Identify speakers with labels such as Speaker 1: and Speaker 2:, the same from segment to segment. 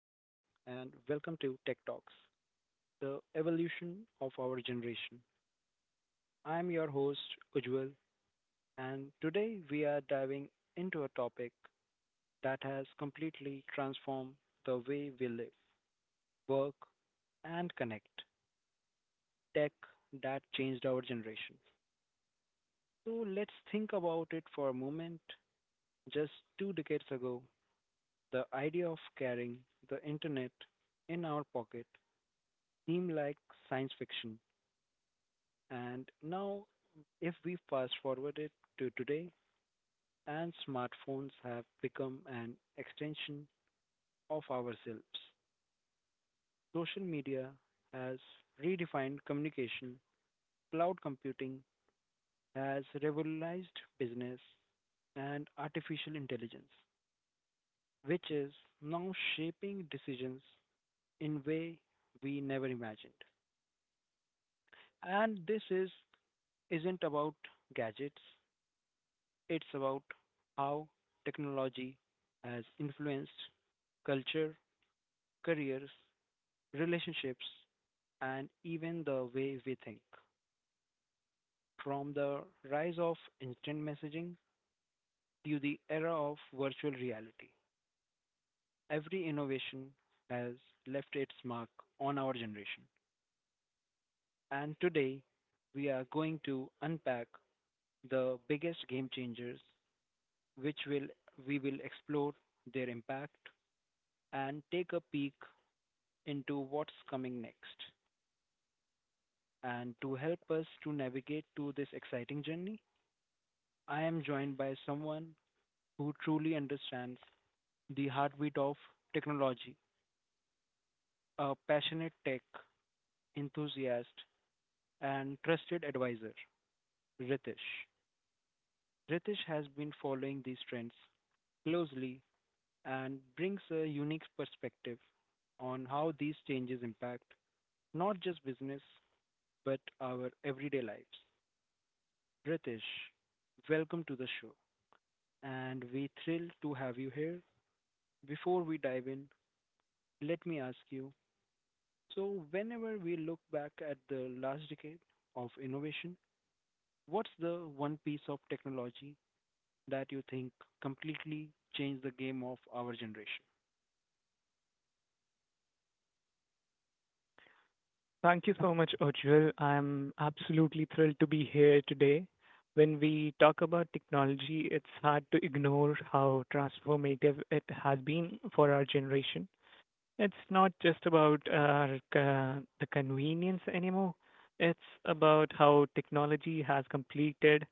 Speaker 1: and welcome to Tech Talks, the evolution of our generation. I'm your host, Ujjwal, and today we are diving into a topic that has completely transformed the way we live, work, and connect, tech that changed our generation. So, let's think about it for a moment. Just two decades ago, the idea of carrying the internet in our pocket seemed like science fiction. And now, if we fast forward it to today, and smartphones have become an extension of ourselves. Social media has redefined communication, cloud computing has revolutionized business, and artificial intelligence, which is now shaping decisions in way we never imagined. And this is isn't about gadgets. It's about how technology has influenced culture, careers, relationships, and even the way we think. From the rise of instant messaging to the era of virtual reality, every innovation has left its mark on our generation. And today, we are going to unpack the biggest game changers, which will we will explore their impact and take a peek into what's coming next. And to help us to navigate to this exciting journey, I am joined by someone who truly understands the heartbeat of technology, a passionate tech enthusiast and trusted advisor, Ritesh. Ritesh has been following these trends closely and brings a unique perspective on how these changes impact not just business but our everyday lives. Ritesh, welcome to the show, and we thrilled to have you here. Before we dive in, let me ask you, so whenever we look back at the last decade of innovation, what's the one piece of technology that you think completely changed the game of our generation?
Speaker 2: Thank you so much, Ujjwal. I'm absolutely thrilled to be here today. When we talk about technology, it's hard to ignore how transformative it has been for our generation. It's not just about the convenience anymore. It's about how technology has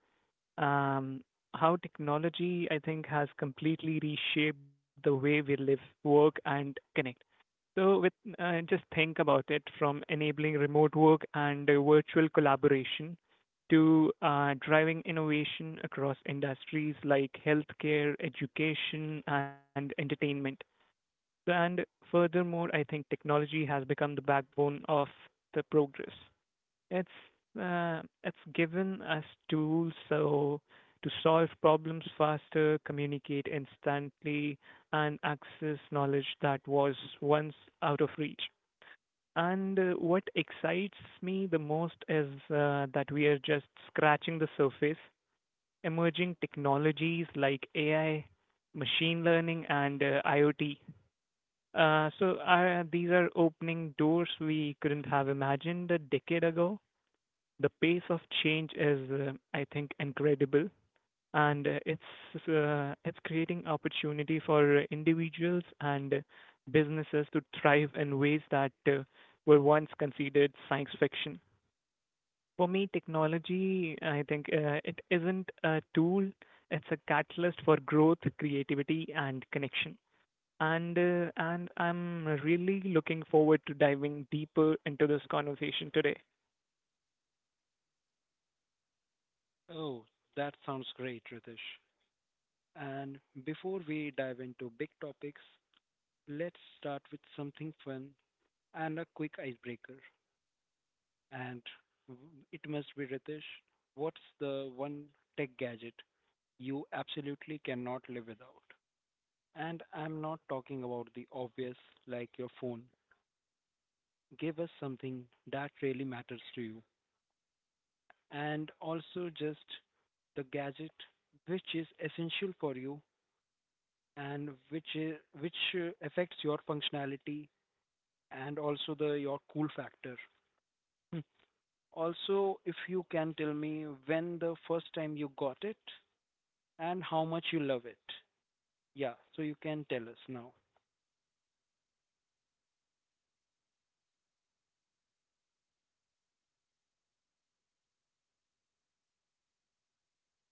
Speaker 2: um, how technology, I think, has completely reshaped the way we live, work, and connect. So with Just think about it, from enabling remote work and virtual collaboration to driving innovation across industries like healthcare, education, and entertainment. And furthermore, I think technology has become the backbone of the progress. It's it's given us tools to solve problems faster, communicate instantly, and access knowledge that was once out of reach. And what excites me the most is that we are just scratching the surface. Emerging technologies like AI, machine learning, and IoT. These are opening doors we couldn't have imagined a decade ago. The pace of change is, I think, incredible, and it's creating opportunity for individuals and businesses to thrive in ways that were once considered science fiction. For me, technology, I think, it isn't a tool; it's a catalyst for growth, creativity, and connection. And I'm really looking forward to diving deeper into this conversation today.
Speaker 1: Oh, that sounds great, Ritesh. And before we dive into big topics, let's start with something fun and a quick icebreaker. And it must be Ritesh. What's the one tech gadget you absolutely cannot live without? And I'm not talking about the obvious like your phone. Give us something that really matters to you. And also just the gadget which is essential for you and which affects your functionality and also the your cool factor. Hmm. Also, if you can tell me when the first time you got it and how much you love it. Yeah, so you can tell us now.
Speaker 2: Um, Honestly, my smartphone, I think,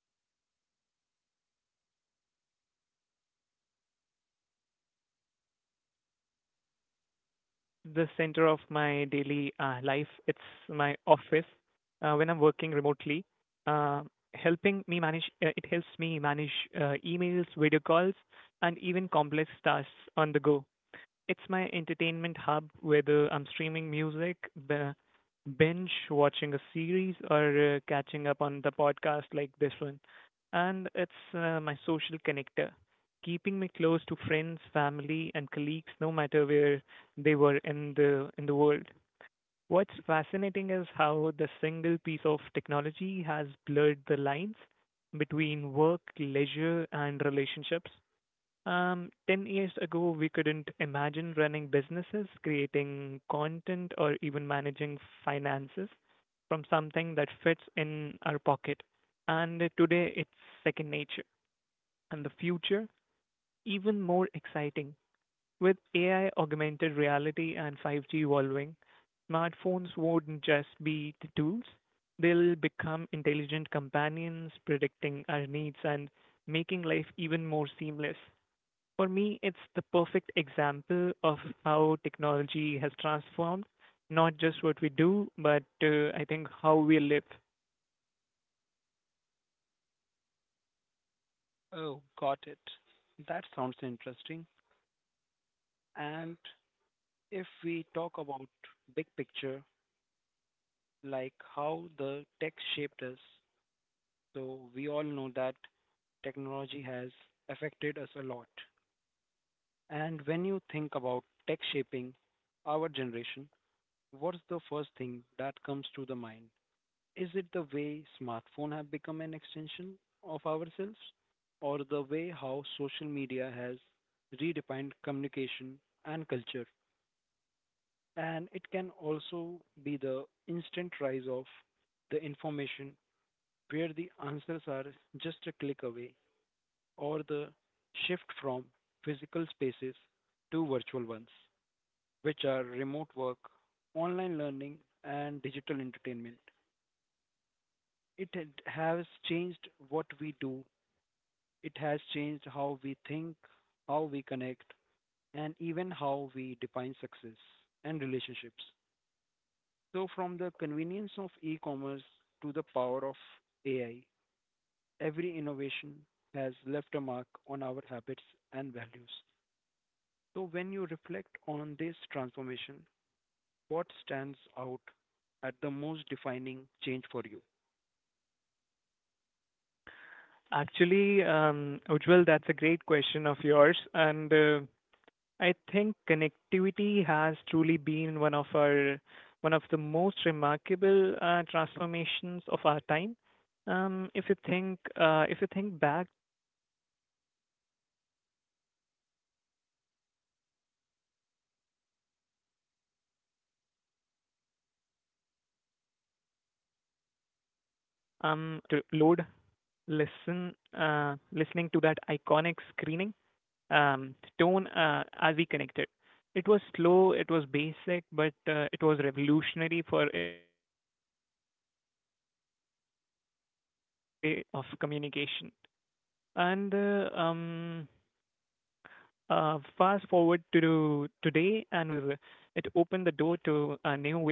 Speaker 2: honestly, my smartphone, it's so much more than just a device. It's the center of my daily life. It's my office. When I'm working remotely, uh, helping me manage, it helps me manage emails, video calls, and even complex tasks on the go. It's my entertainment hub, whether I'm streaming music, b- binge watching a series, or catching up on the podcast like this one. And it's my social connector, keeping me close to friends, family, and colleagues, no matter where they were in the world. What's fascinating is how the single piece of technology has blurred the lines between work, leisure, and relationships. 10 years ago, we couldn't imagine running businesses, creating content, or even managing finances from something that fits in our pocket. And today, it's second nature. And the future, even more exciting. With AI, augmented reality, and 5G evolving, smartphones won't just be the tools, they'll become intelligent companions, predicting our needs and making life even more seamless. For me, it's the perfect example of how technology has transformed not just what we do, but I think how we live.
Speaker 1: Oh, got it. That sounds interesting. And if we talk about big picture, like how the tech shaped us, so we all know that technology has affected us a lot. And when you think about tech shaping our generation, what's the first thing that comes to the mind? Is it the way smartphone have become an extension of ourselves or the way how social media has redefined communication and culture? And it can also be the instant rise of the information where the answers are just a click away or the shift from physical spaces to virtual ones, which are remote work, online learning, and digital entertainment. Has changed what we do. It has changed how we think, how we connect, and even how we define success and relationships. So, from the convenience of e commerce to the power of AI, every innovation has left a mark on our habits and values. So, when you reflect on this transformation, what stands out at the most defining change for you?
Speaker 2: Actually, Ujjwal, that's a great question of yours, and I think connectivity has truly been one of our one of the most remarkable transformations of our time. If you think back to the early days of dial-up internet, it was completely different world. I'm waiting minutes for a single web page and to load, listen, listening to that iconic screening um, tone as we connected. It was slow, it was basic, but it was revolutionary for its time because it opened the door to a new way of communication. And Fast forward to today, and we are living in a world powered by 5G.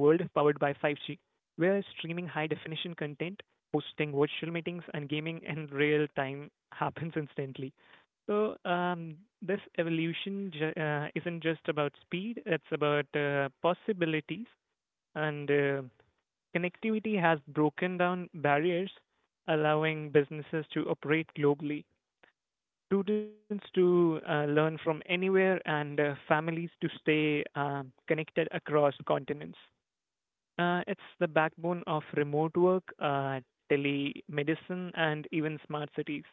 Speaker 2: We're streaming high definition content, hosting virtual meetings, and gaming in real time happens instantly. So, this evolution isn't just about speed, it's about possibilities. And connectivity has broken down barriers, allowing businesses to operate globally, students to learn from anywhere, and families to stay connected across continents. It's the backbone of remote work, telemedicine, and even smart cities.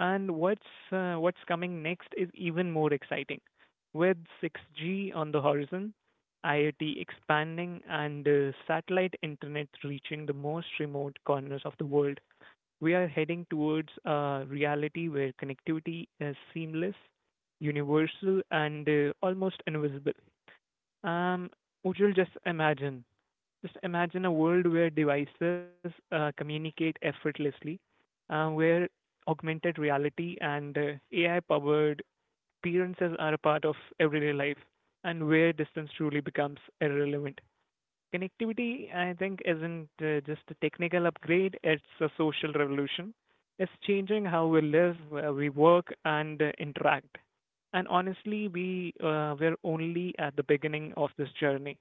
Speaker 2: And what's coming next is even more exciting. With 6G on the horizon, IoT expanding, and satellite internet reaching the most remote corners of the world, we are heading towards a reality where connectivity is seamless, universal, and almost invisible. Um, Ujjwal, just imagine a world where devices communicate effortlessly, where augmented reality and AI powered experiences are a part of everyday life, and where distance truly becomes irrelevant. Connectivity, I think, isn't just a technical upgrade, it's a social revolution. It's changing how we live, we work, and interact. And honestly, we're only at the beginning of this journey.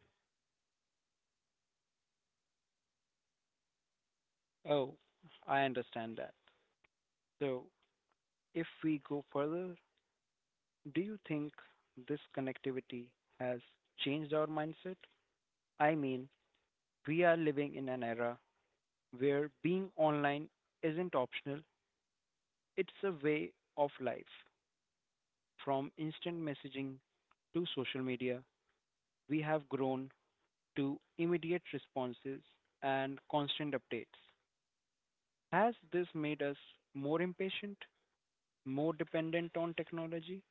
Speaker 1: Oh, I understand that. So, if we go further, do you think this connectivity has changed our mindset? I mean, we are living in an era where being online isn't optional, it's a way of life. From instant messaging to social media, we have grown to immediate responses and constant updates. Has this made us more impatient, more dependent on technology,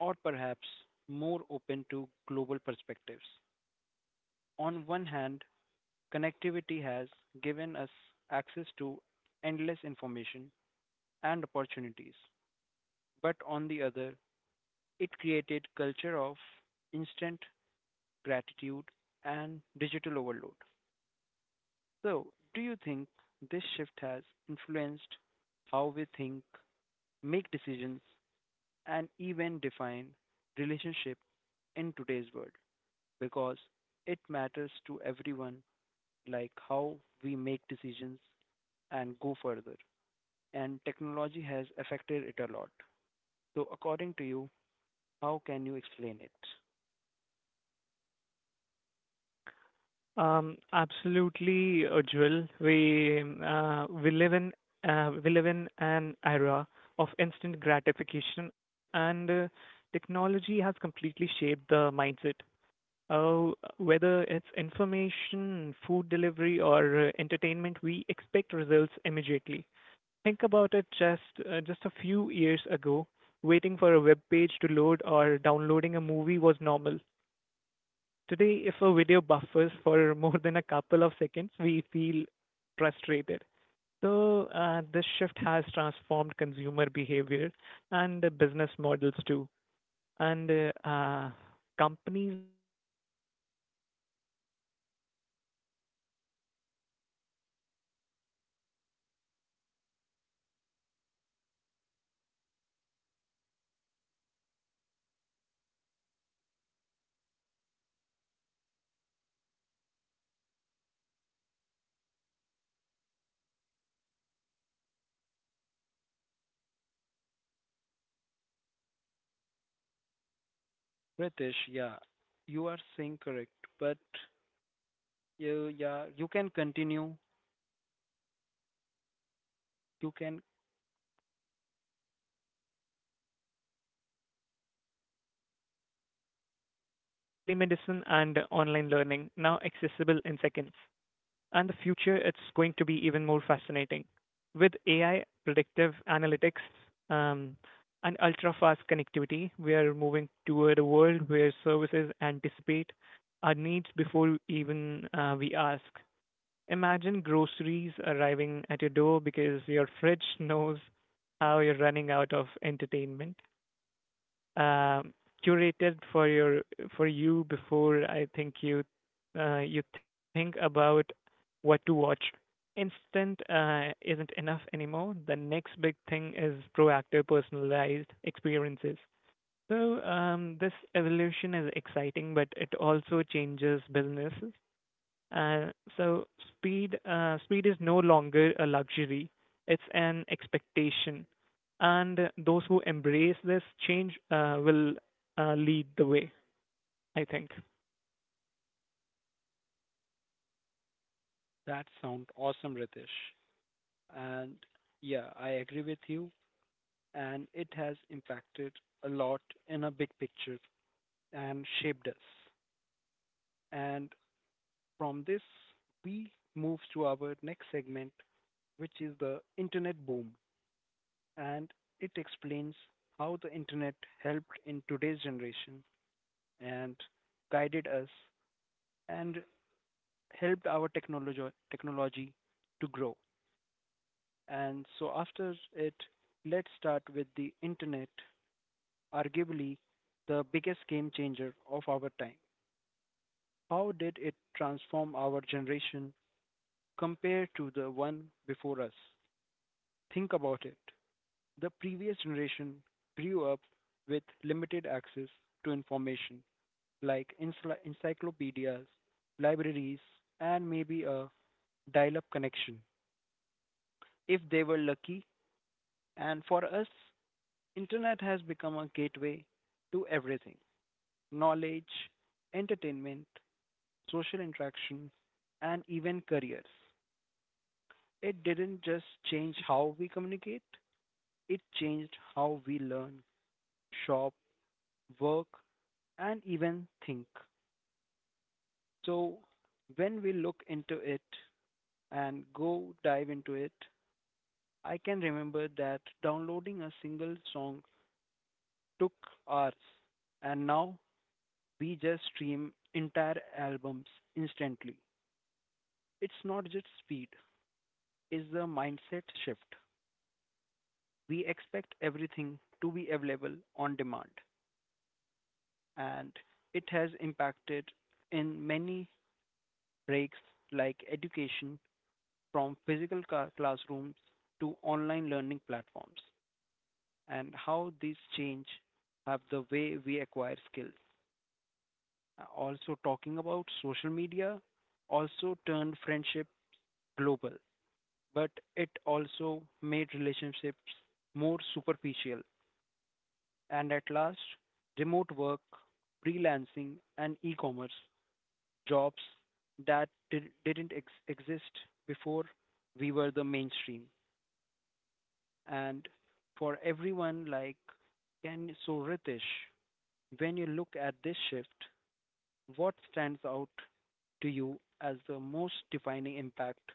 Speaker 1: or perhaps more open to global perspectives? On one hand, connectivity has given us access to endless information and opportunities, but on the other, it created culture of instant gratitude and digital overload. So, do you think this shift has influenced how we think, make decisions, and even define relationship in today's world? Because it matters to everyone, like how we make decisions and go further, and technology has affected it a lot. So according to you, how can you explain it?
Speaker 2: Absolutely, Ujjwal. We live in an era of instant gratification, and technology has completely shaped the mindset. Uh, Whether it's information, food delivery, or entertainment, we expect results immediately. Think about it. Just a few years ago, waiting for a web page to load or downloading a movie was normal. Today, if a video buffers for more than a couple of seconds, we feel frustrated. So, this shift has transformed consumer behavior and business models too. And Companies now compete not just on the quality, but on speed and convenience. From one click shopping to same day delivery on uh, demand, streaming, and even instant customer support, technology, and as condition to expect um, um, conditions to expect, I think, everything at our
Speaker 1: Ritesh, yeah,
Speaker 2: fingertips,
Speaker 1: you are saying
Speaker 2: and
Speaker 1: correct, but
Speaker 2: even
Speaker 1: you, yeah, you
Speaker 2: industries
Speaker 1: can
Speaker 2: like
Speaker 1: continue.
Speaker 2: healthcare and
Speaker 1: You
Speaker 2: education
Speaker 1: can.
Speaker 2: have adopted uh, telemedicine and online learning now accessible in seconds. And the future, it's going to be even more fascinating with AI, predictive analytics, um, and ultra-fast connectivity. We are moving toward a world where services anticipate our needs before even we ask. Imagine groceries arriving at your door because your fridge knows how you're running out of entertainment, um, curated for your for you before I think you think about what to watch. Instant isn't enough anymore. The next big thing is proactive, personalized experiences. So this evolution is exciting, but it also changes businesses. Uh, so speed speed is no longer a luxury; it's an expectation. And those who embrace this change will lead the way, I think.
Speaker 1: That sound awesome, Ritesh. And yeah, I agree with you. And it has impacted a lot in a big picture and shaped us. And from this, we move to our next segment, which is the internet boom, and it explains how the internet helped in today's generation and guided us and helped our technology to grow. And so after it, let's start with the internet, arguably the biggest game changer of our time. How did it transform our generation compared to the one before us? Think about it. The previous generation grew up with limited access to information like encyclopedias, libraries, and maybe a dial up connection if they were lucky. And for us, internet has become a gateway to everything, knowledge, entertainment, social interaction, and even careers. It didn't just change how we communicate, it changed how we learn, shop, work, and even think. So, when we look into it and go dive into it, I can remember that downloading a single song took hours, and now we just stream entire albums instantly. It's not just speed, it's the mindset shift. We expect everything to be available on demand, and it has impacted in many breaks like education from physical classrooms to online learning platforms and how these change have the way we acquire skills. Also talking about social media, also turned friendship global, but it also made relationships more superficial. And at last, remote work, freelancing, and e commerce jobs that didn't exist before we were the mainstream. And for everyone, like, can so Ritesh, when you look at this shift, what stands out to you as the most defining impact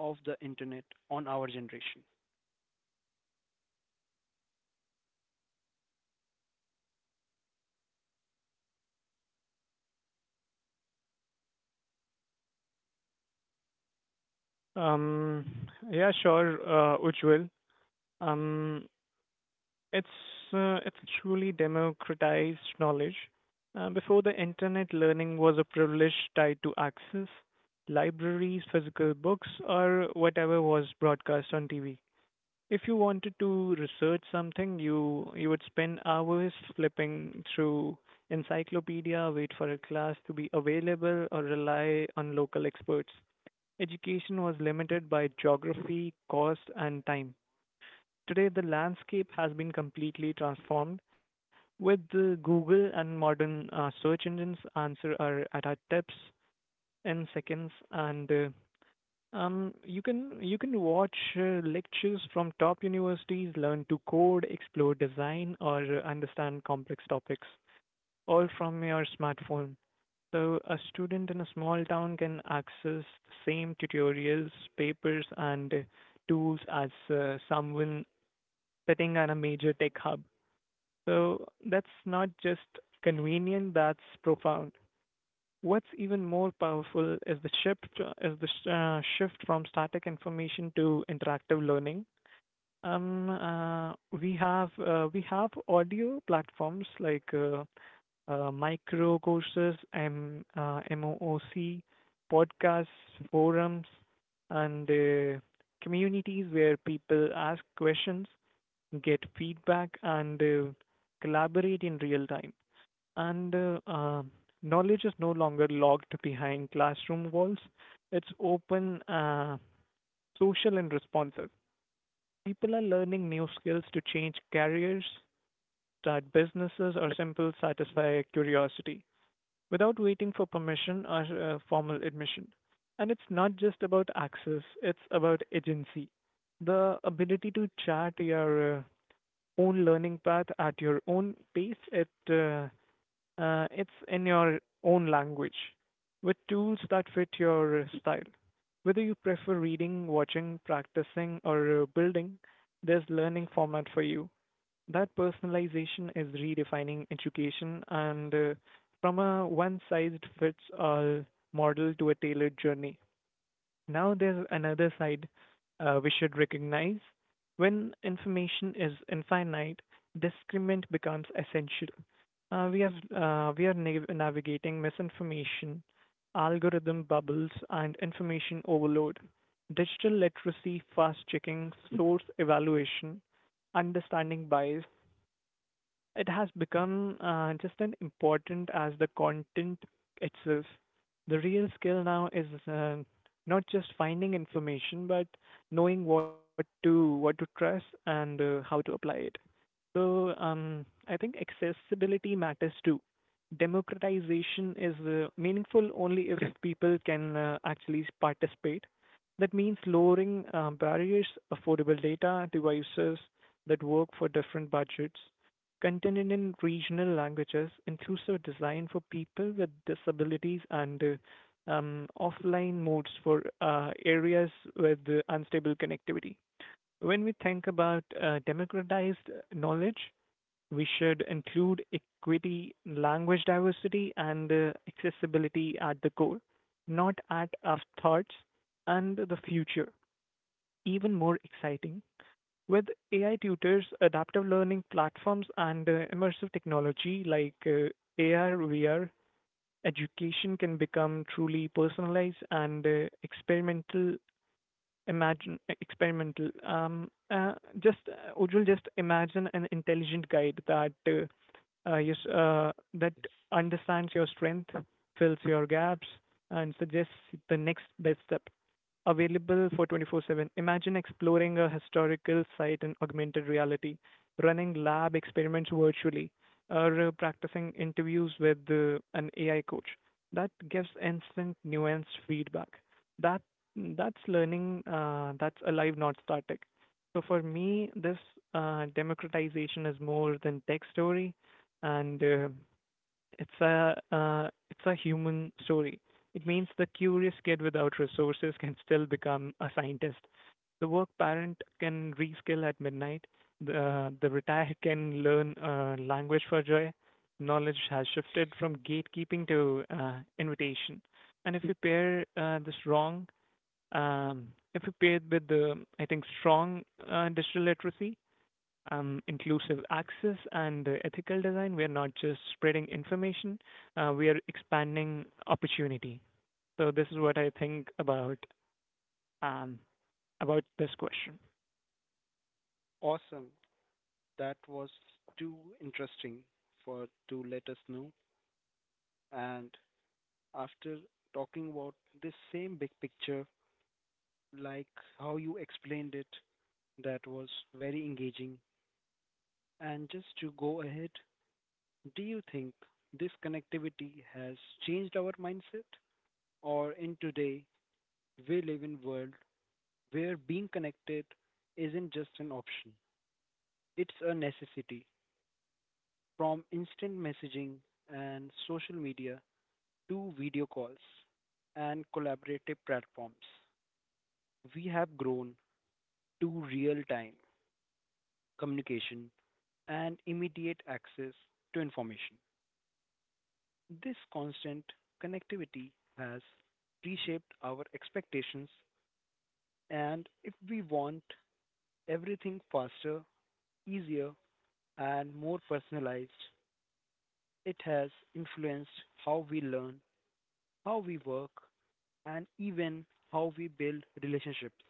Speaker 1: of the internet on our generation.
Speaker 2: Um, yeah, sure, Ujjwal. Um, it's it's truly democratized knowledge. Before the internet, learning was a privilege tied to access, libraries, physical books, or whatever was broadcast on TV. If you wanted to research something, you would spend hours flipping through encyclopedia, wait for a class to be available, or rely on local experts. Education was limited by geography, cost, and time. Today, the landscape has been completely transformed. With the Google and modern search engines, answer are at our tips in seconds, and you can watch lectures from top universities, learn to code, explore design, or understand complex topics, all from your smartphone. So a student in a small town can access the same tutorials, papers, and tools as someone sitting at a major tech hub. So that's not just convenient; that's profound. What's even more powerful is the shift from static information to interactive learning. Um, uh, we have audio platforms like micro courses, MOOC, podcasts, forums, and communities where people ask questions, get feedback, and collaborate in real time, and knowledge is no longer locked behind classroom walls. It's open, social, and responsive. People are learning new skills to change careers, start businesses, or simply satisfy curiosity without waiting for permission or formal admission. And it's not just about access, it's about agency. The ability to chart your own learning path at your own pace, it's in your own language with tools that fit your style. Whether you prefer reading, watching, practicing, or building, there's learning format for you. That personalization is redefining education and, from a one-sized-fits-all model to a tailored journey. Now there's another side we should recognize. When information is infinite, discernment becomes essential. We are navigating misinformation, algorithm bubbles, and information overload. Digital literacy, fast checking, source evaluation, understanding bias, it has become just as important as the content itself. The real skill now is not just finding information, but knowing what to trust and how to apply it. So I think accessibility matters too. Democratization is meaningful only if people can actually participate. That means lowering barriers, affordable data, devices that work for different budgets, content in regional languages, inclusive design for people with disabilities, and offline modes for areas with unstable connectivity. When we think about democratized knowledge, we should include equity, language diversity, and accessibility at the core, not at our thoughts. And the future, Even more exciting, with AI tutors, adaptive learning platforms, and immersive technology like AR, VR, education can become truly personalized and experimental. Experimental. Just Ujjwal, just imagine an intelligent guide that
Speaker 1: Yes.
Speaker 2: understands your strength, fills your gaps, and suggests the next best step available for 24/7. Imagine exploring a historical site in augmented reality, running lab experiments virtually, or practicing interviews with an AI coach that gives instant, nuanced feedback. That that's learning. That's alive, not static. So for me, this democratization is more than tech story, and it's a human story. It means the curious kid without resources can still become a scientist. The work parent can reskill at midnight. The retired can learn a language for joy. Knowledge has shifted from gatekeeping to invitation. And if you pair this wrong, um, if you pair it with the I think strong digital literacy, inclusive access and ethical design, we're not just spreading information, we are expanding opportunity. So this is what I think um, about this question.
Speaker 1: Awesome. That was too interesting for to let us know. And after talking about this same big picture, like how you explained it, that was very engaging. And just to go ahead, do you think this connectivity has changed our mindset? Or in today, we live in a world where being connected isn't just an option, it's a necessity. From instant messaging and social media to video calls and collaborative platforms, we have grown to real time communication and immediate access to information. This constant connectivity has reshaped our expectations, and if we want everything faster, easier, and more personalized, it has influenced how we learn, how we work, and even how we build relationships.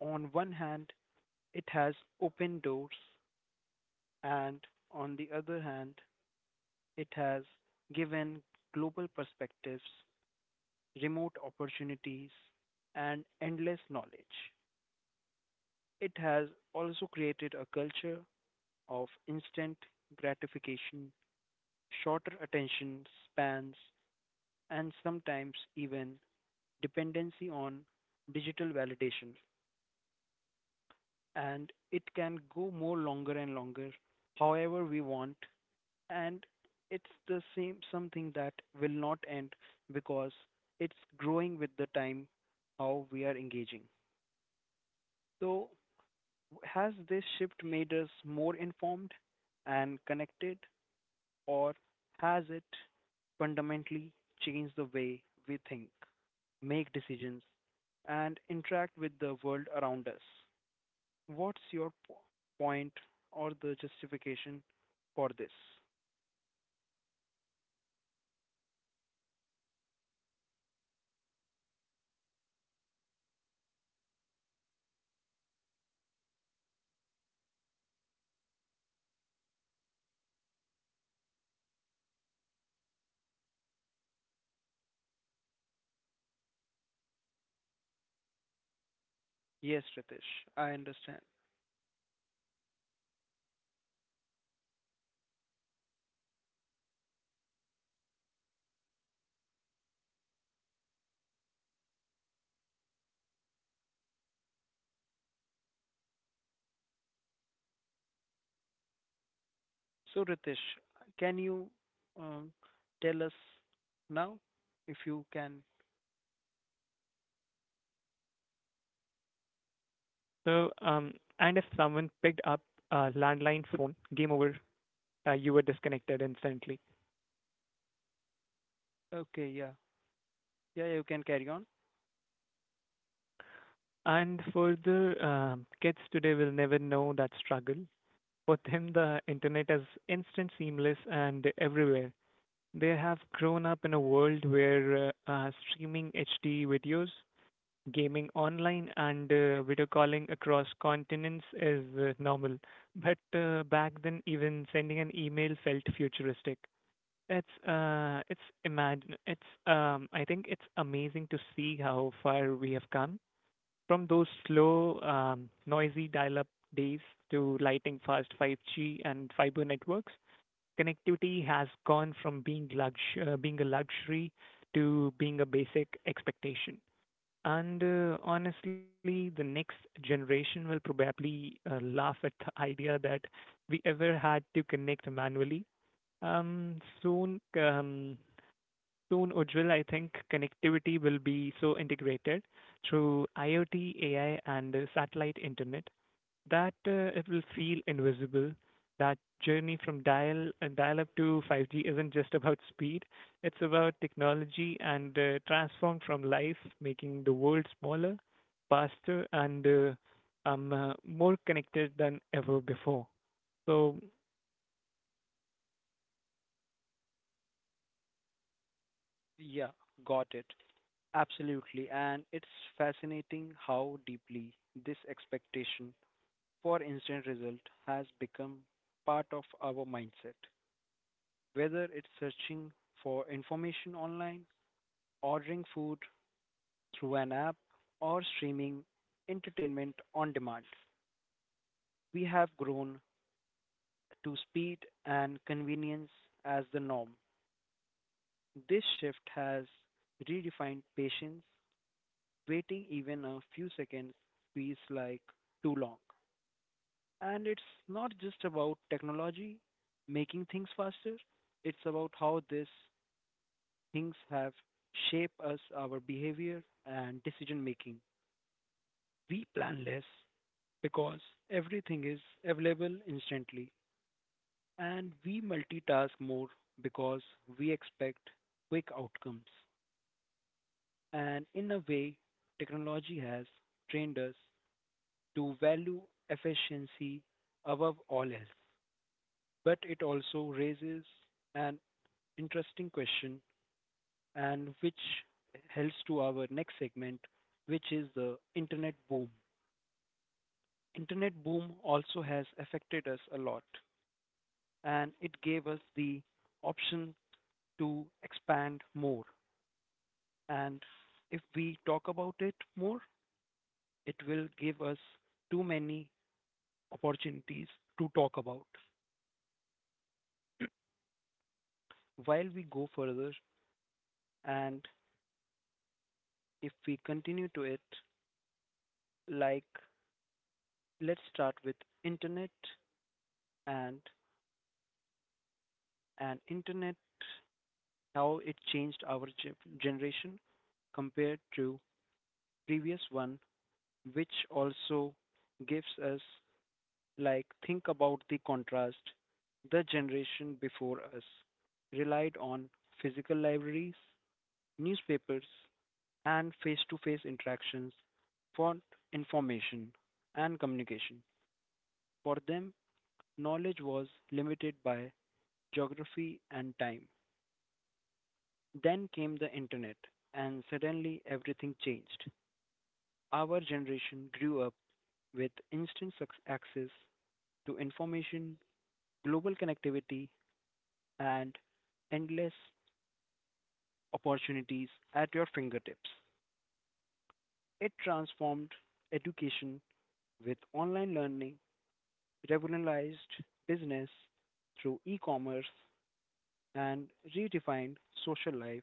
Speaker 1: On one hand, it has opened doors, and on the other hand, it has given global perspectives, remote opportunities, and endless knowledge. It has also created a culture of instant gratification, shorter attention spans, and sometimes even dependency on digital validation, and it can go more longer and longer, however we want. And it's the same something that will not end because it's growing with the time how we are engaging. So, has this shift made us more informed and connected, or has it fundamentally changed the way we think, make decisions, and interact with the world around us? What's your point or the justification for this?
Speaker 2: Definitely, Ujjwal. Waiting for pages to load and dial up, hearing that iconic connection tone. That was an experience in itself. Um, it it wasn't just connecting to the internet.
Speaker 1: Yes, Ritesh, I
Speaker 2: Um, it
Speaker 1: understand.
Speaker 2: uh, it felt like a ritual. Um, you I think uh, you would click connect, hear that screening handshake sound, and then wait. Sometimes for minutes, just to load a single web
Speaker 1: So,
Speaker 2: page,
Speaker 1: Ritesh, can you um,
Speaker 2: uh,
Speaker 1: tell us now if you can?
Speaker 2: and yes, So, um, and if someone picked up a landline phone, game over, you were disconnected instantly.
Speaker 1: Okay, yeah. Yeah, you can carry on.
Speaker 2: And further, kids today will never know that struggle. For them, the internet is instant, seamless, and everywhere. They have grown up in a world where streaming HD videos, gaming online, and video calling across continents is normal. But back then, even sending an email felt futuristic. It's imagine it's I think it's amazing to see how far we have come from those slow, noisy dial-up days to lighting fast 5G and fiber networks. Connectivity has gone from being a luxury to being a basic expectation. And honestly, the next generation will probably laugh at the idea that we ever had to connect manually. Um, soon, um, Soon, Ujjwal, I think connectivity will be so integrated through IoT, AI, and satellite internet that it will feel invisible. That journey from dial-up to 5G isn't just about speed; it's about technology and transform from life, making the world smaller, faster, and more connected than ever before. So
Speaker 1: Yeah, got it. Absolutely. And it's fascinating how deeply this expectation for instant result has become part of our mindset. Whether it's searching for information online, ordering food through an app or streaming entertainment on demand. We have grown to speed and convenience as the norm. This shift has redefined patience. Waiting even a few seconds feels like too long. And it's not just about technology making things faster, it's about how these things have shaped us, our behavior, and decision making. We plan less, because everything is available instantly, and we multitask more because we expect quick outcomes. And in a way, technology has trained us to value efficiency above all else. But it also raises an interesting question, and which helps to our next segment, which is the internet boom. Internet boom also has affected us a lot and it gave us the option to expand more. And if we talk about it more, it will give us too many opportunities to talk about. While we go further and if we continue to it, like let's start with internet and and internet how it changed our generation compared to previous one which also gives us like, think about the contrast. The generation before us relied on physical libraries, newspapers, and face to face interactions for information and communication. For them, knowledge was limited by geography and time. Then came the internet, and suddenly everything changed. Our generation grew up with instant access to information, global connectivity, and endless opportunities at your fingertips. It transformed education with online learning, revolutionized business through e commerce, and redefined social life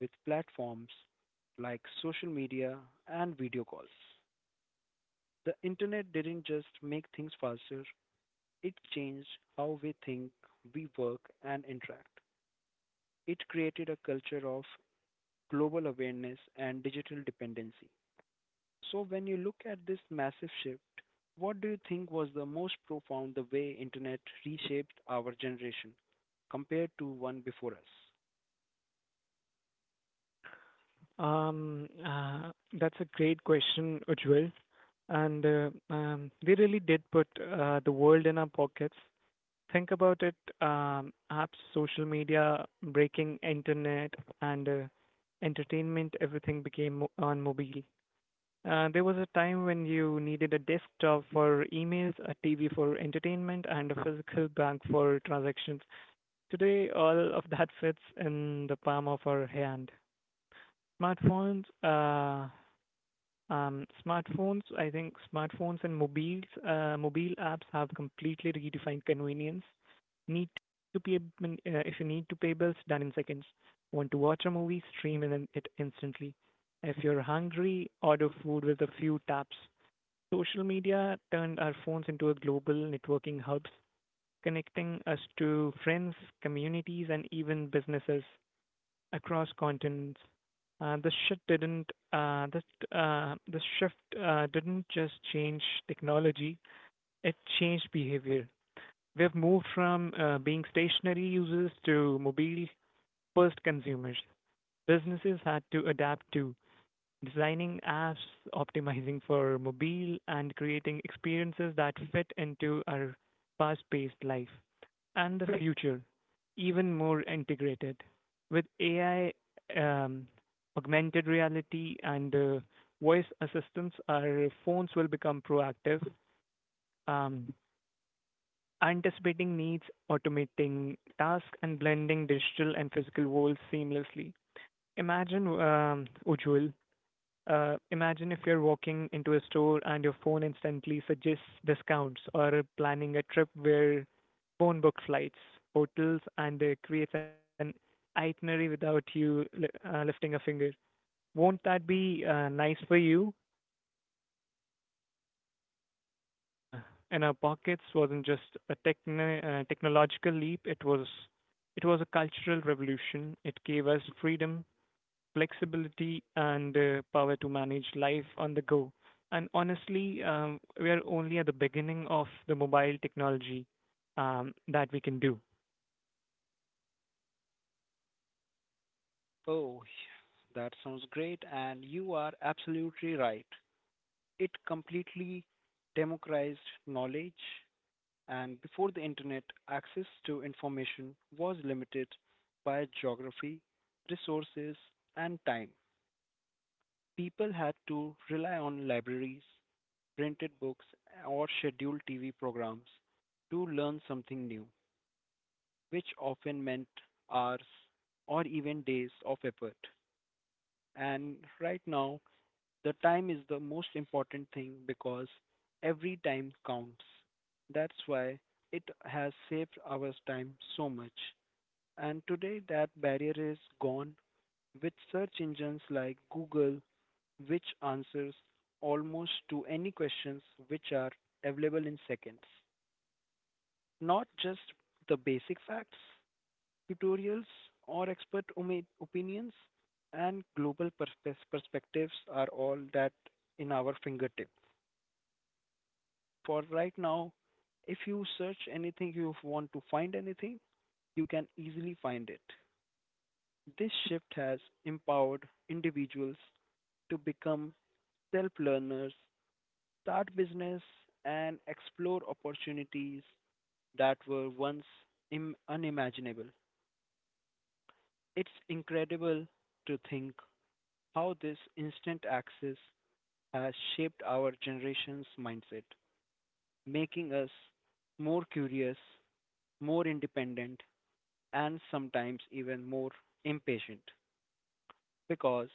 Speaker 1: with platforms like social media and video calls. The internet didn't just make things faster, it changed how we think, we work, and interact. It created a culture of global awareness and digital dependency. So when you look at this massive shift, what do you think was the most profound the way internet reshaped our generation compared to one before us?
Speaker 2: Um, uh, that's a great question, Ujjwal. And they really did put the world in our pockets. Think about it: apps, social media, breaking internet, and entertainment. Everything became on mobile. There was a time when you needed a desktop for emails, a TV for entertainment, and a physical bank for transactions. Today, all of that fits in the palm of our hand. Smartphones smartphones, I think Smartphones and mobiles, mobile apps have completely redefined convenience. Need to pay, if you need to pay bills, done in seconds. Want to watch a movie, stream it instantly. If you're hungry, order food with a few taps. Social media turned our phones into a global networking hubs, connecting us to friends, communities, and even businesses across continents. This shift didn't this this shift didn't just change technology; it changed behavior. We have moved from being stationary users to mobile first consumers. Businesses had to adapt too, designing apps, optimizing for mobile, and creating experiences that fit into our fast paced life and the future, even more integrated. With AI, um, augmented reality, and voice assistants, our phones will become proactive, um, anticipating needs, automating tasks, and blending digital and physical worlds seamlessly. Imagine, Ujjwal, imagine if you're walking into a store and your phone instantly suggests discounts, or planning a trip where phone book flights, hotels, and creates an itinerary without lifting a finger. Won't that be nice for you? So putting the world um, in our pockets wasn't just a technological leap; it was a cultural revolution. It gave us freedom, flexibility and power to manage life on the go. And honestly, we are only at the beginning of the mobile technology that we can do.
Speaker 1: Oh, that sounds great, and you are absolutely right. It completely democratized knowledge, and before the internet access to information was limited by geography, resources, and time. People had to rely on libraries, printed books, or scheduled TV programs to learn something new, which often meant hours or even days of effort. And right now, the time is the most important thing because every time counts. That's why it has saved our time so much. And today, that barrier is gone with search engines like Google, which answers almost to any questions which are available in seconds. Not just the basic facts, tutorials, or expert opinions, and global perspectives are all that in our fingertip. For right now, if you search anything, you want to find anything, you can easily find it. This shift has empowered individuals to become self learners, start business, and explore opportunities that were once unimaginable. It's incredible to think how this instant access has shaped our generation's mindset, making us more curious, more independent, and sometimes even more impatient because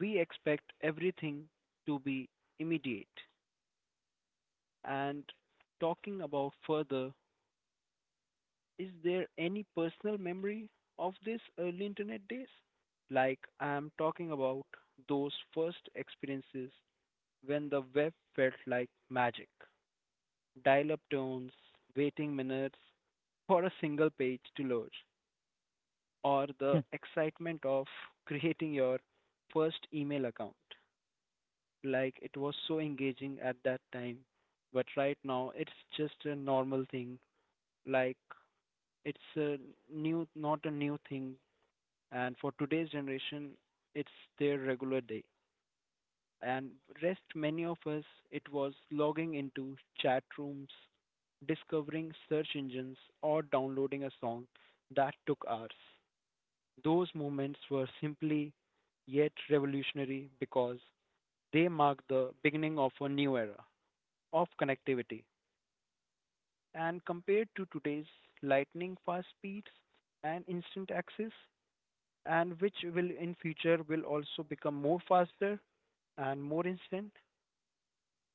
Speaker 1: we expect everything to be immediate. And talking about further, is there any personal memory of these early internet days? Like, I'm talking about those first experiences when the web felt like magic. Dial up tones, waiting minutes for a single page to load, or
Speaker 2: Hmm.
Speaker 1: the excitement of creating your first email account. Like it was so engaging at that time, but right now it's just a normal thing. Like it's a new, not a new thing, and for today's generation, it's their regular day. And rest many of us it was logging into chat rooms, discovering search engines, or downloading a song that took hours. Those moments were simply yet revolutionary because they marked the beginning of a new era of connectivity. And compared to today's lightning fast speeds and instant access, and which will in future will also become more faster and more instant,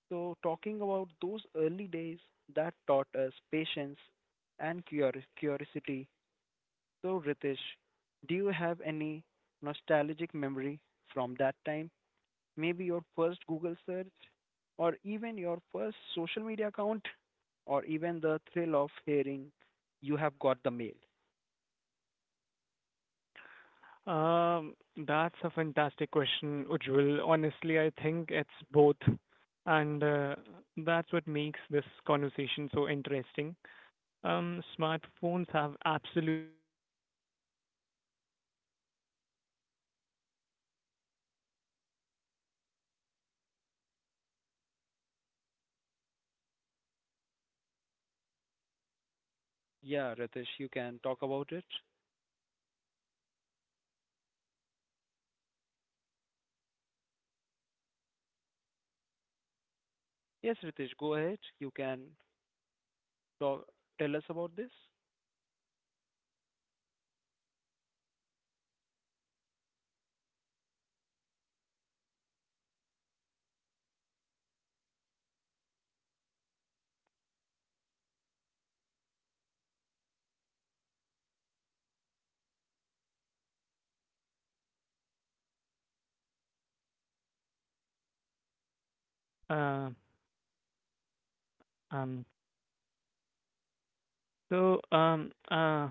Speaker 1: so, talking about those early days that taught us patience and curiosity. So, Ritesh, do you have any nostalgic memory from that time? Maybe your first Google search, or even your first social media account, or even the thrill of hearing you have got the mail.
Speaker 2: Um, that's a fantastic question, Ujjwal. Honestly, I think it's both, and that's what makes this conversation so interesting. Smartphones have absolutely made life easier in ways we could have imagined a decade ago. Everything is accessible, um, at our fingertips, um, whether it's uh,
Speaker 1: Yeah, Ritesh, you can
Speaker 2: whether
Speaker 1: talk
Speaker 2: it's
Speaker 1: about it.
Speaker 2: paying bills, ordering food, learning new skills, or uh, staying connected with people across the globe.
Speaker 1: Yes,
Speaker 2: They
Speaker 1: Ritesh,
Speaker 2: have
Speaker 1: go ahead.
Speaker 2: given us
Speaker 1: You can
Speaker 2: freedom, flexibility, and
Speaker 1: talk, tell us
Speaker 2: convenience
Speaker 1: about this.
Speaker 2: like never before. But here's the other side. They've also made life more stressful because we have constantly connected notifications, never stop. Emo- uh, emotions, um Emails. Uh, um, so, um, uh,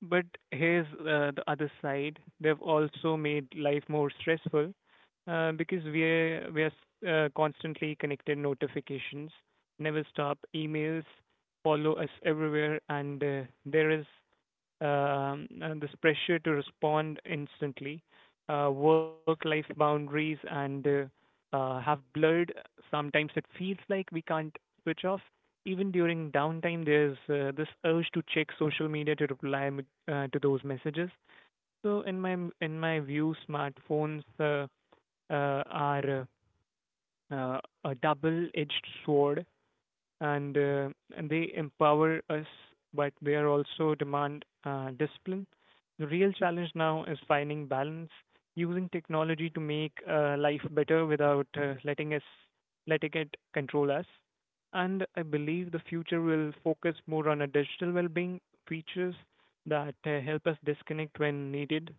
Speaker 2: but here's the other side. They've also made life more stressful because we're constantly connected notifications, never stop emails follow us everywhere, and there is and this pressure to respond instantly, work-life boundaries, and have blurred. Sometimes it feels like we can't switch off. Even during downtime, there's this urge to check social media to to those messages. So in my view, smartphones are uh, uh, a double-edged sword and uh, and they empower us, but they are also demand discipline. The real challenge now is finding balance, using technology to make life better without letting it control us. And I believe the future will focus more on a digital well-being features that help us disconnect when needed,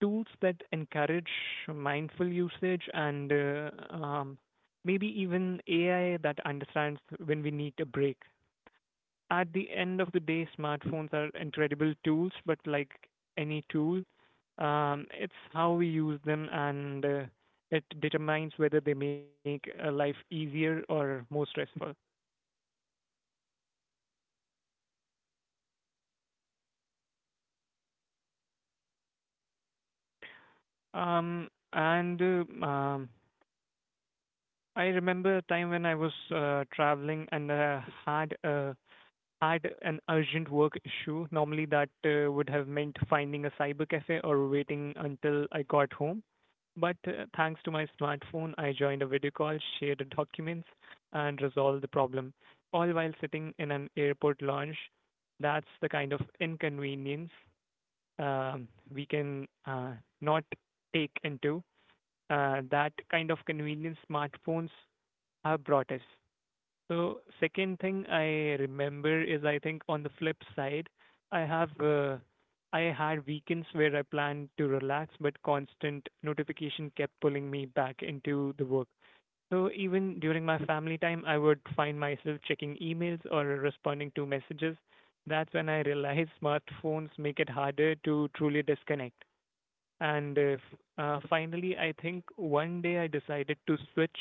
Speaker 2: tools that encourage mindful usage and maybe even AI that understands when we need a break. At the end of the day, smartphones are incredible tools, but like any tool, it's how we use them and it determines whether they make life easier or more stressful. And I remember a time when I was traveling and had a had an urgent work issue. Normally that would have meant finding a cyber cafe or waiting until I got home. But thanks to my smartphone, I joined a video call, shared documents, and resolved the problem, all while sitting in an airport lounge. That's the kind of inconvenience um, we can not take into. That kind of convenience smartphones have brought us. So second thing I remember is I think on the flip side, I have uh, I had weekends where I planned to relax, but constant notification kept pulling me back into the work. So even during my family time, I would find myself checking emails or responding to messages. That's when I realized smartphones make it harder to truly disconnect. And finally, I think one day I decided to switch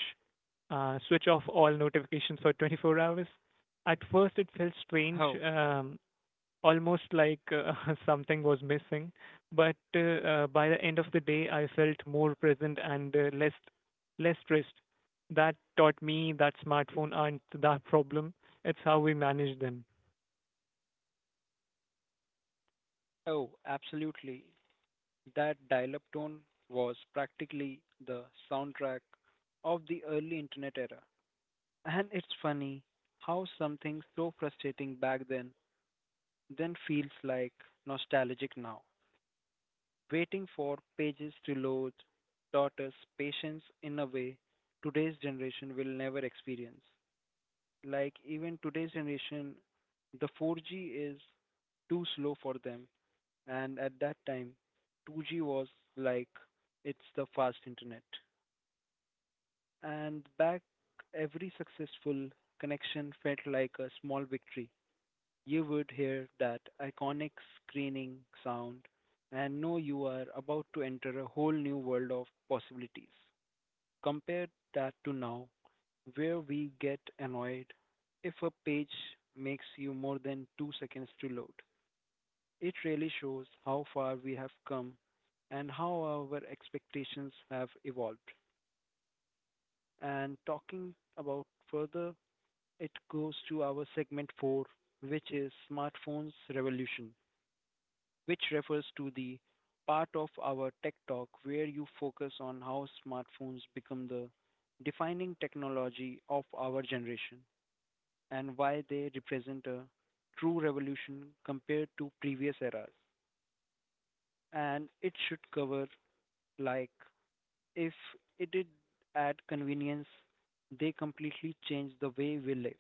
Speaker 2: uh, switch off all notifications for 24 hours. At first, it felt strange,
Speaker 1: Oh,
Speaker 2: almost like something was missing. But by the end of the day, I felt more present and less less stressed. That taught me that smartphone aren't that problem. It's how we manage them.
Speaker 1: oh, absolutely. That dial-up tone was practically the soundtrack of the early internet era. And it's funny how something so frustrating back then feels like nostalgic now. Waiting for pages to load daughters patience in a way today's generation will never experience. Like even today's generation, the 4G is too slow for them, and at that time 2G was like it's the fast internet. And back every successful connection felt like a small victory. You would hear that iconic screening sound and know you are about to enter a whole new world of possibilities. Compare that to now, where we get annoyed if a page makes you more than 2 seconds to load. It really shows how far we have come and how our expectations have evolved. And talking about further, it goes to our segment 4, which is Smartphones Revolution, which refers to the part of our tech talk where you focus on how smartphones become the defining technology of our generation and why they represent a true revolution compared to previous eras. And it should cover, like, if it did add convenience, they completely change the way we live.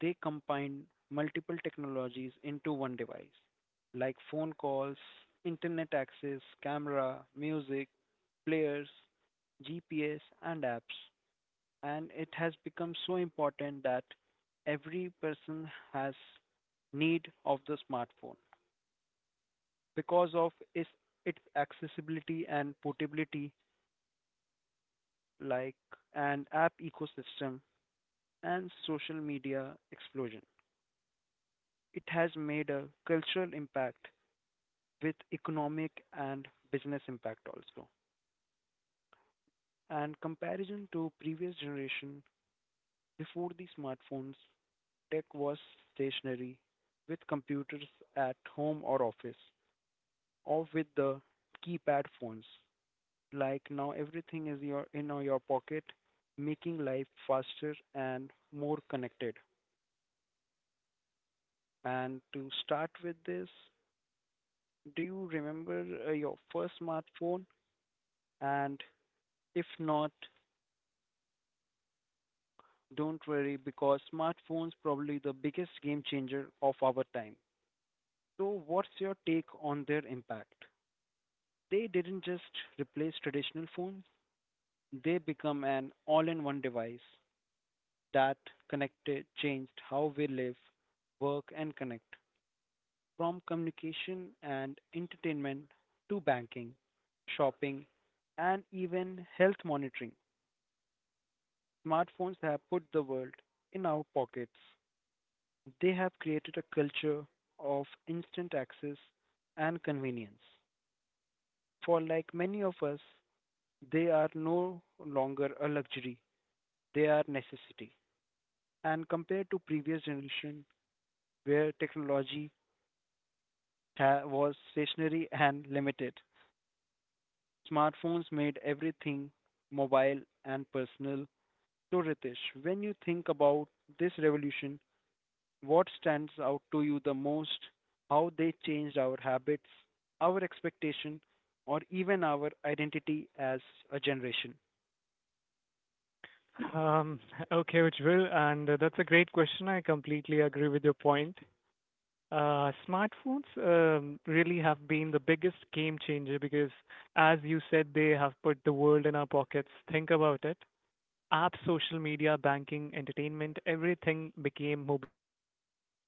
Speaker 1: They combine multiple technologies into one device, like phone calls, internet access, camera, music, players, GPS, and apps. And it has become so important that every person has need of the smartphone because of its accessibility and portability, like an app ecosystem and social media explosion. It has made a cultural impact with economic and business impact also. And comparison to previous generation before the smartphones, tech was stationary with computers at home or office or with the keypad phones. Like now everything is your in your pocket, making life faster and more connected. And to start with this, do you remember your first smartphone? And if not, don't worry because smartphones probably the biggest game changer of our time. So what's your take on their impact? They didn't just replace traditional phones, they become an all-in-one device that connected changed how we live, work and connect. From communication and entertainment to banking, shopping, and even health monitoring. Smartphones have put the world in our pockets. They have created a culture of instant access and convenience. For like many of us, they are no longer a luxury, they are necessity. And compared to previous generation where technology was stationary and limited, smartphones made everything mobile and personal. So, Ritesh, when you think about this revolution, what stands out to you the most? How they changed our habits, our expectation, or even our identity as a generation?
Speaker 2: Um, okay, Ujjwal, and that's a great question. I completely agree with your point. Smartphones really have been the biggest game changer because, as you said, they have put the world in our pockets. Think about it. Apps, social media, banking, entertainment, everything became mobile.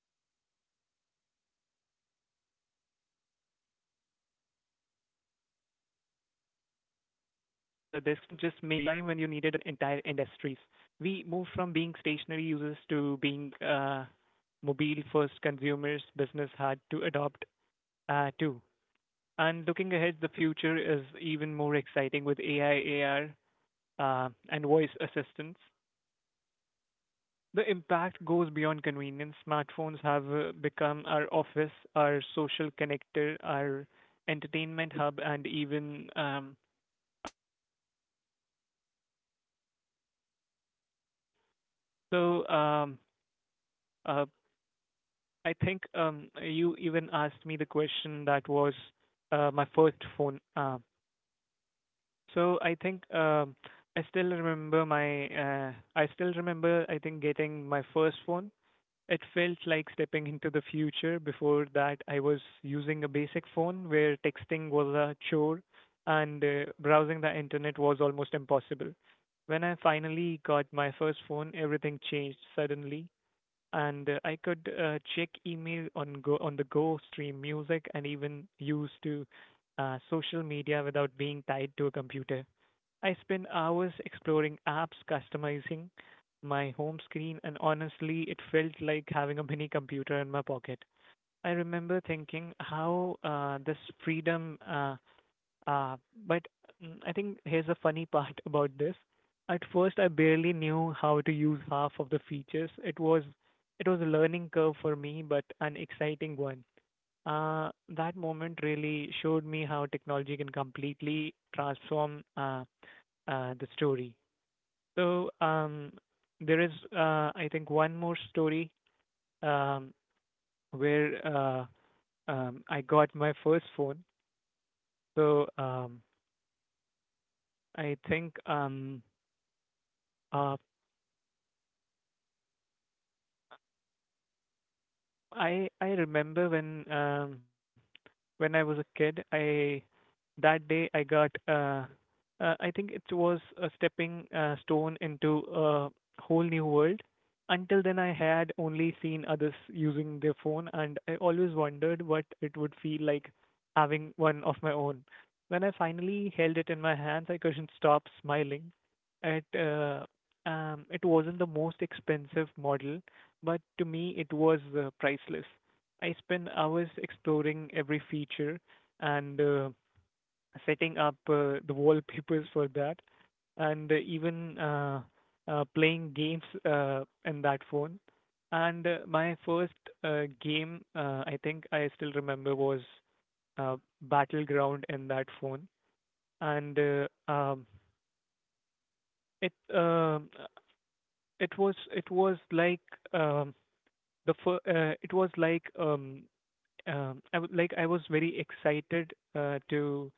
Speaker 2: There was a time when you needed a desktop for emails, TV for entertainment, and everything. The shift didn't just make life convenient, it transformed behavior and entire industries. We moved from being stationary users to being mobile first consumers. Business had to adopt too. And looking ahead, the future is even more exciting with AI, AR, and voice assistants. The impact goes beyond convenience. Smartphones have become our office, our social connector, our entertainment hub, and even personal assistant. So uh, I think you even asked me the question that was my first phone. Um, so I think I still remember my I still remember I think getting my first phone. It felt like stepping into the future. Before that, I was using a basic phone where texting was a chore and browsing the internet was almost impossible. When I finally got my first phone, everything changed suddenly, and I could check email on go on the go, stream music, and even use to social media without being tied to a computer. I spend hours exploring apps, customizing my home screen, and honestly, it felt like having a mini computer in my pocket. I remember thinking how this freedom, uh, but I think here's a funny part about this. At first, I barely knew how to use half of the features. It was a learning curve for me, but an exciting one. That moment really showed me how technology can completely transform the story. So um, there is, I think, one more story um, where I got my first phone. So um, I think um, uh, I remember when I was a kid, I that day I got, I think it was a stepping stone into a whole new world. Until then, I had only seen others using their phone, and I always wondered what it would feel like having one of my own. When I finally held it in my hands, I couldn't stop smiling. It uh, it wasn't the most expensive model, but to me it was priceless. I spent hours exploring every feature, and setting up the wallpapers for that, and even playing games in that phone. And my first game, I think I still remember, was uh, Battleground in that phone, and it it was like um, it was like I like I was very excited to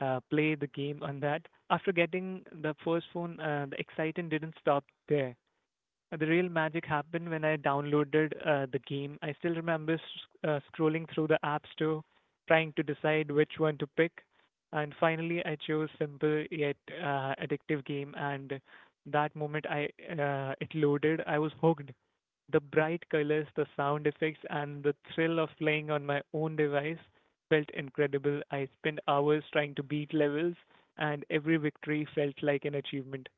Speaker 2: play the game on that. After getting the first phone, the excitement didn't stop there. The real magic happened when I downloaded the game. I still remember scrolling through the App Store, trying to decide which one to pick, and finally I chose simple yet addictive game. And that moment I it loaded, I was hooked, the bright colors, the sound effects, and the thrill of playing on my own device felt incredible. I spent hours trying to beat levels, and every victory felt like an achievement.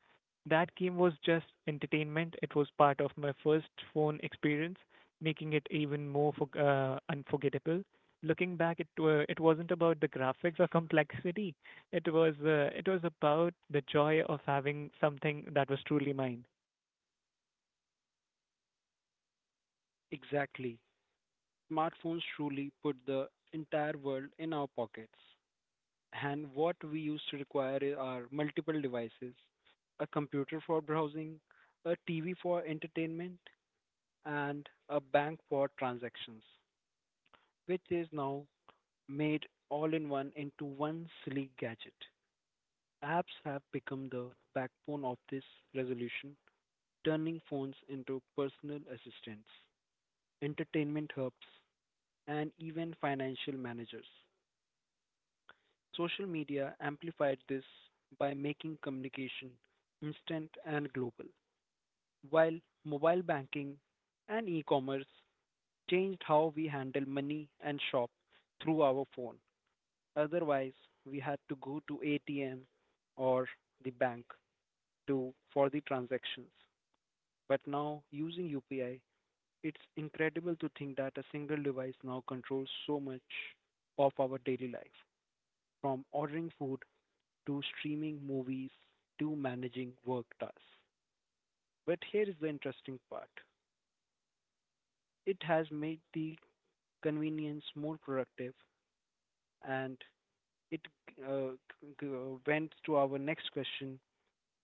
Speaker 2: That game was just entertainment, it was part of my first phone experience, making it even more unforgettable. Looking back, it wasn't about the graphics or complexity. It was about the joy of having something that was truly mine.
Speaker 1: Exactly. Smartphones truly put the entire world in our pockets. And what we used to require are multiple devices, a computer for browsing, a TV for entertainment, and a bank for transactions, which is now made all in one into one sleek gadget. Apps have become the backbone of this resolution, turning phones into personal assistants, entertainment hubs, and even financial managers. Social media amplified this by making communication instant and global, while mobile banking and e commerce changed how we handle money and shop through our phone. Otherwise, we had to go to ATM or the bank to for the transactions. But now using UPI, it's incredible to think that a single device now controls so much of our daily life, from ordering food to streaming movies to managing work tasks. But here is the interesting part. It has made the convenience more productive and it uh, g- went to our next question.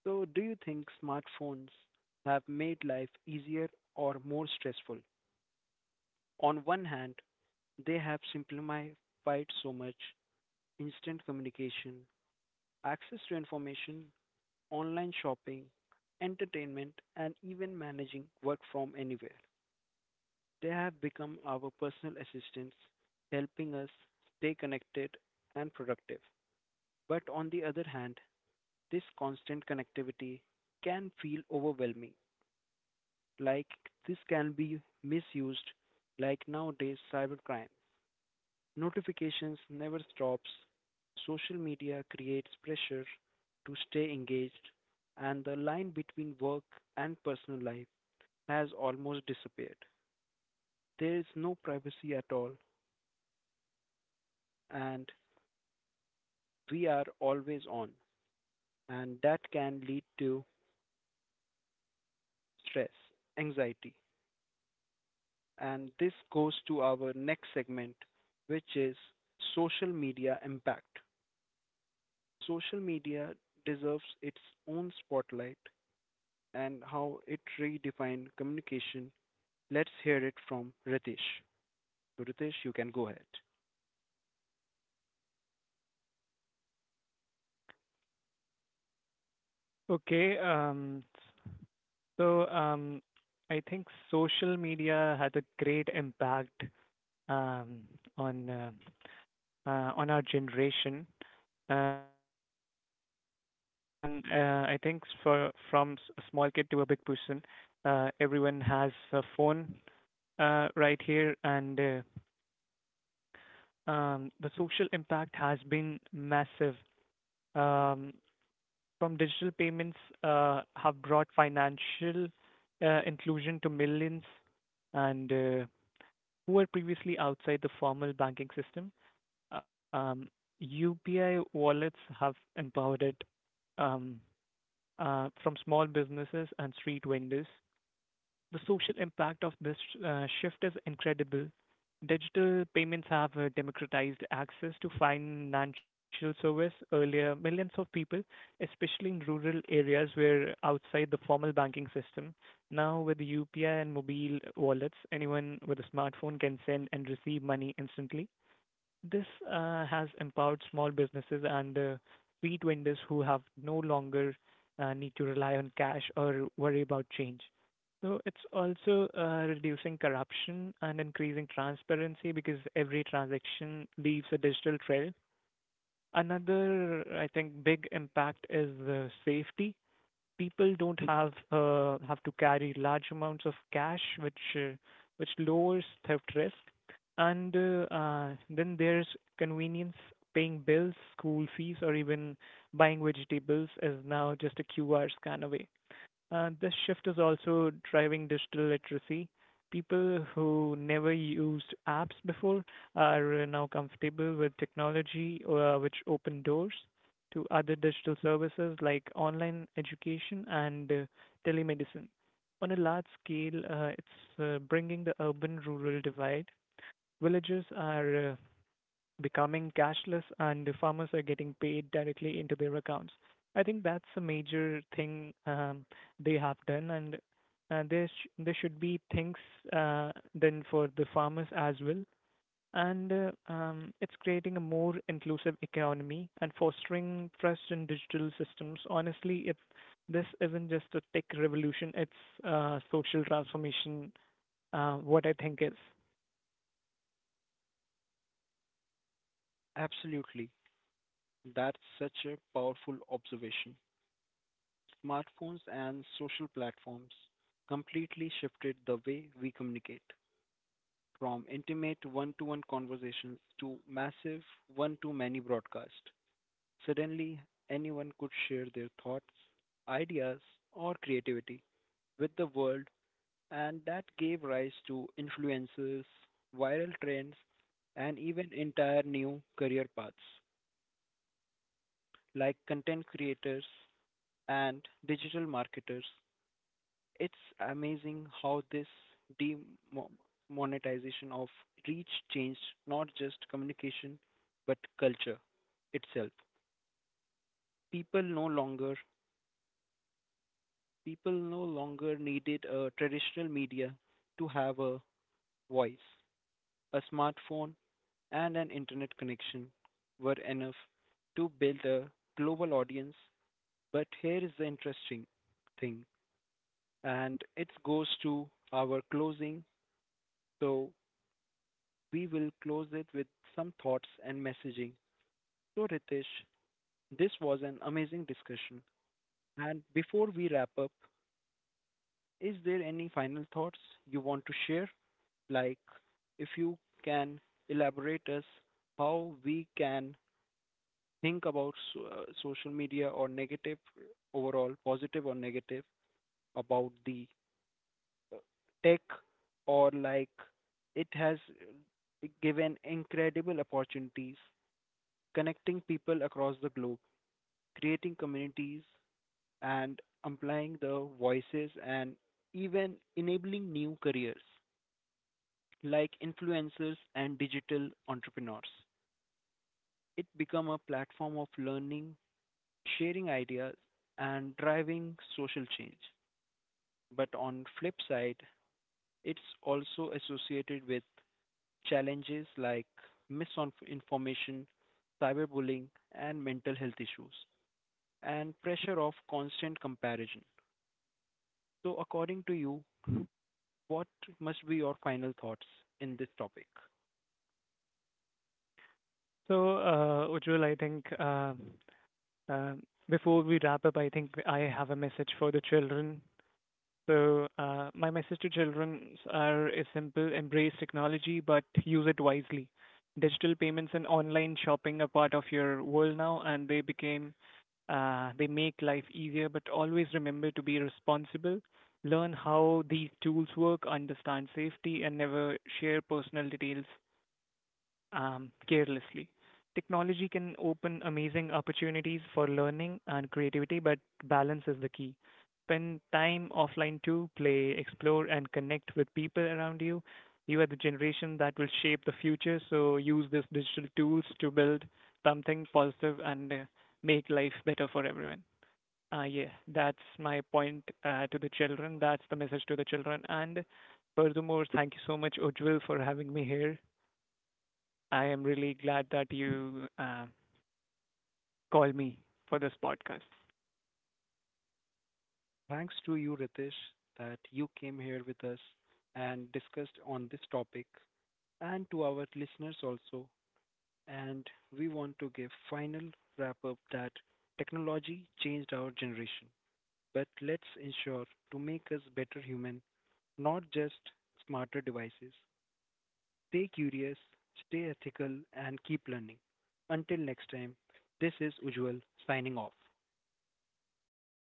Speaker 1: So, do you think smartphones have made life easier or more stressful? On one hand, they have simplified so much, instant communication, access to information, online shopping, entertainment, and even managing work from anywhere. They have become our personal assistants, helping us stay connected and productive. But on the other hand, this constant connectivity can feel overwhelming. Like this can be misused, like nowadays cybercrime. Notifications never stops. Social media creates pressure to stay engaged and the line between work and personal life has almost disappeared. There is no privacy at all and we are always on, and that can lead to stress, anxiety, and this goes to our next segment, which is social media impact. Social media deserves its own spotlight and how it redefined communication. Let's hear it from Ritesh. So, Ritesh, you can go ahead.
Speaker 2: Okay. So, I think social media had a great impact um, on uh, on our generation because everyone, I think, for from a small kid to a big person, everyone has a phone right here, and the social impact has been massive. Um, from digital payments have brought financial inclusion to millions and who were previously outside the formal banking system. UPI wallets have empowered it um, from small businesses and street vendors, the social impact of this shift is incredible. Digital payments have democratized access to financial service. Earlier, millions of people, especially in rural areas, were outside the formal banking system. Now, with UPI and mobile wallets, anyone with a smartphone can send and receive money instantly. This has empowered small businesses and street vendors who have no longer need to rely on cash or worry about change. So it's also reducing corruption and increasing transparency because every transaction leaves a digital trail. Another, I think, big impact is safety. People don't have to carry large amounts of cash, which lowers theft risk. And then there's convenience. Paying bills, school fees, or even buying vegetables is now just a QR scan away. This shift is also driving digital literacy. People who never used apps before are now comfortable with technology, which open doors to other digital services like online education and telemedicine. On a large scale, it's bringing the urban-rural divide. Villages are becoming cashless and the farmers are getting paid directly into their accounts. I think that's a major thing they have done, and there should be things uh, done for the farmers as well. And it's creating a more inclusive economy and fostering trust in digital systems. Honestly, it this isn't just a tech revolution; it's social transformation. What I think is.
Speaker 1: Absolutely. That's such a powerful observation. Smartphones and social platforms completely shifted the way we communicate, from intimate one to one conversations to massive one to many broadcasts. Suddenly, anyone could share their thoughts, ideas, or creativity with the world, and that gave rise to influencers, viral trends, and even entire new career paths like content creators and digital marketers. It's amazing how this demonetization of reach changed not just communication but culture itself. People no longer people no longer needed a traditional media to have a voice. A smartphone and an internet connection were enough to build a global audience. But here is the interesting thing, and it goes to our closing. So we will close it with some thoughts and messaging. So, Ritesh, this was an amazing discussion. And before we wrap up, is there any final thoughts you want to share? Like if you can elaborate us how we can think about social media or negative, overall, positive or negative about the uh, tech, or like it has given incredible opportunities connecting people across the globe, creating communities and amplifying the voices and even enabling new careers like influencers and digital entrepreneurs. It became a platform of learning, sharing ideas, and driving social change. But on flip side, it's also associated with challenges like misinformation, cyberbullying, and mental health issues, and pressure of constant comparison. So, according to you, what must be your final thoughts in this topic?
Speaker 2: So, Ujjwal, I think Um, before we wrap up, I think I have a message for the children. So, my message to children are, is simple: embrace technology, but use it wisely. Digital payments and online shopping are part of your world now, and they became, they make life easier, but always remember to be responsible. Learn how these tools work, understand safety, and never share personal details carelessly. Technology can open amazing opportunities for learning and creativity, but balance is the key. Spend time offline to play, explore, and connect with people around you. You are the generation that will shape the future, so use these digital tools to build something positive and make life better for everyone. Yeah, that's my point to the children. That's the message to the children. And furthermore, thank you so much, Ujjwal, for having me here. I am really glad that you called me for this podcast.
Speaker 1: Thanks to you, Ritesh, that you came here with us and discussed on this topic and to our listeners also. And we want to give final wrap up that technology changed our generation, but let's ensure to make us better human, not just smarter devices. Stay curious, stay ethical, and keep learning. Until next time, this is Ujwal signing off.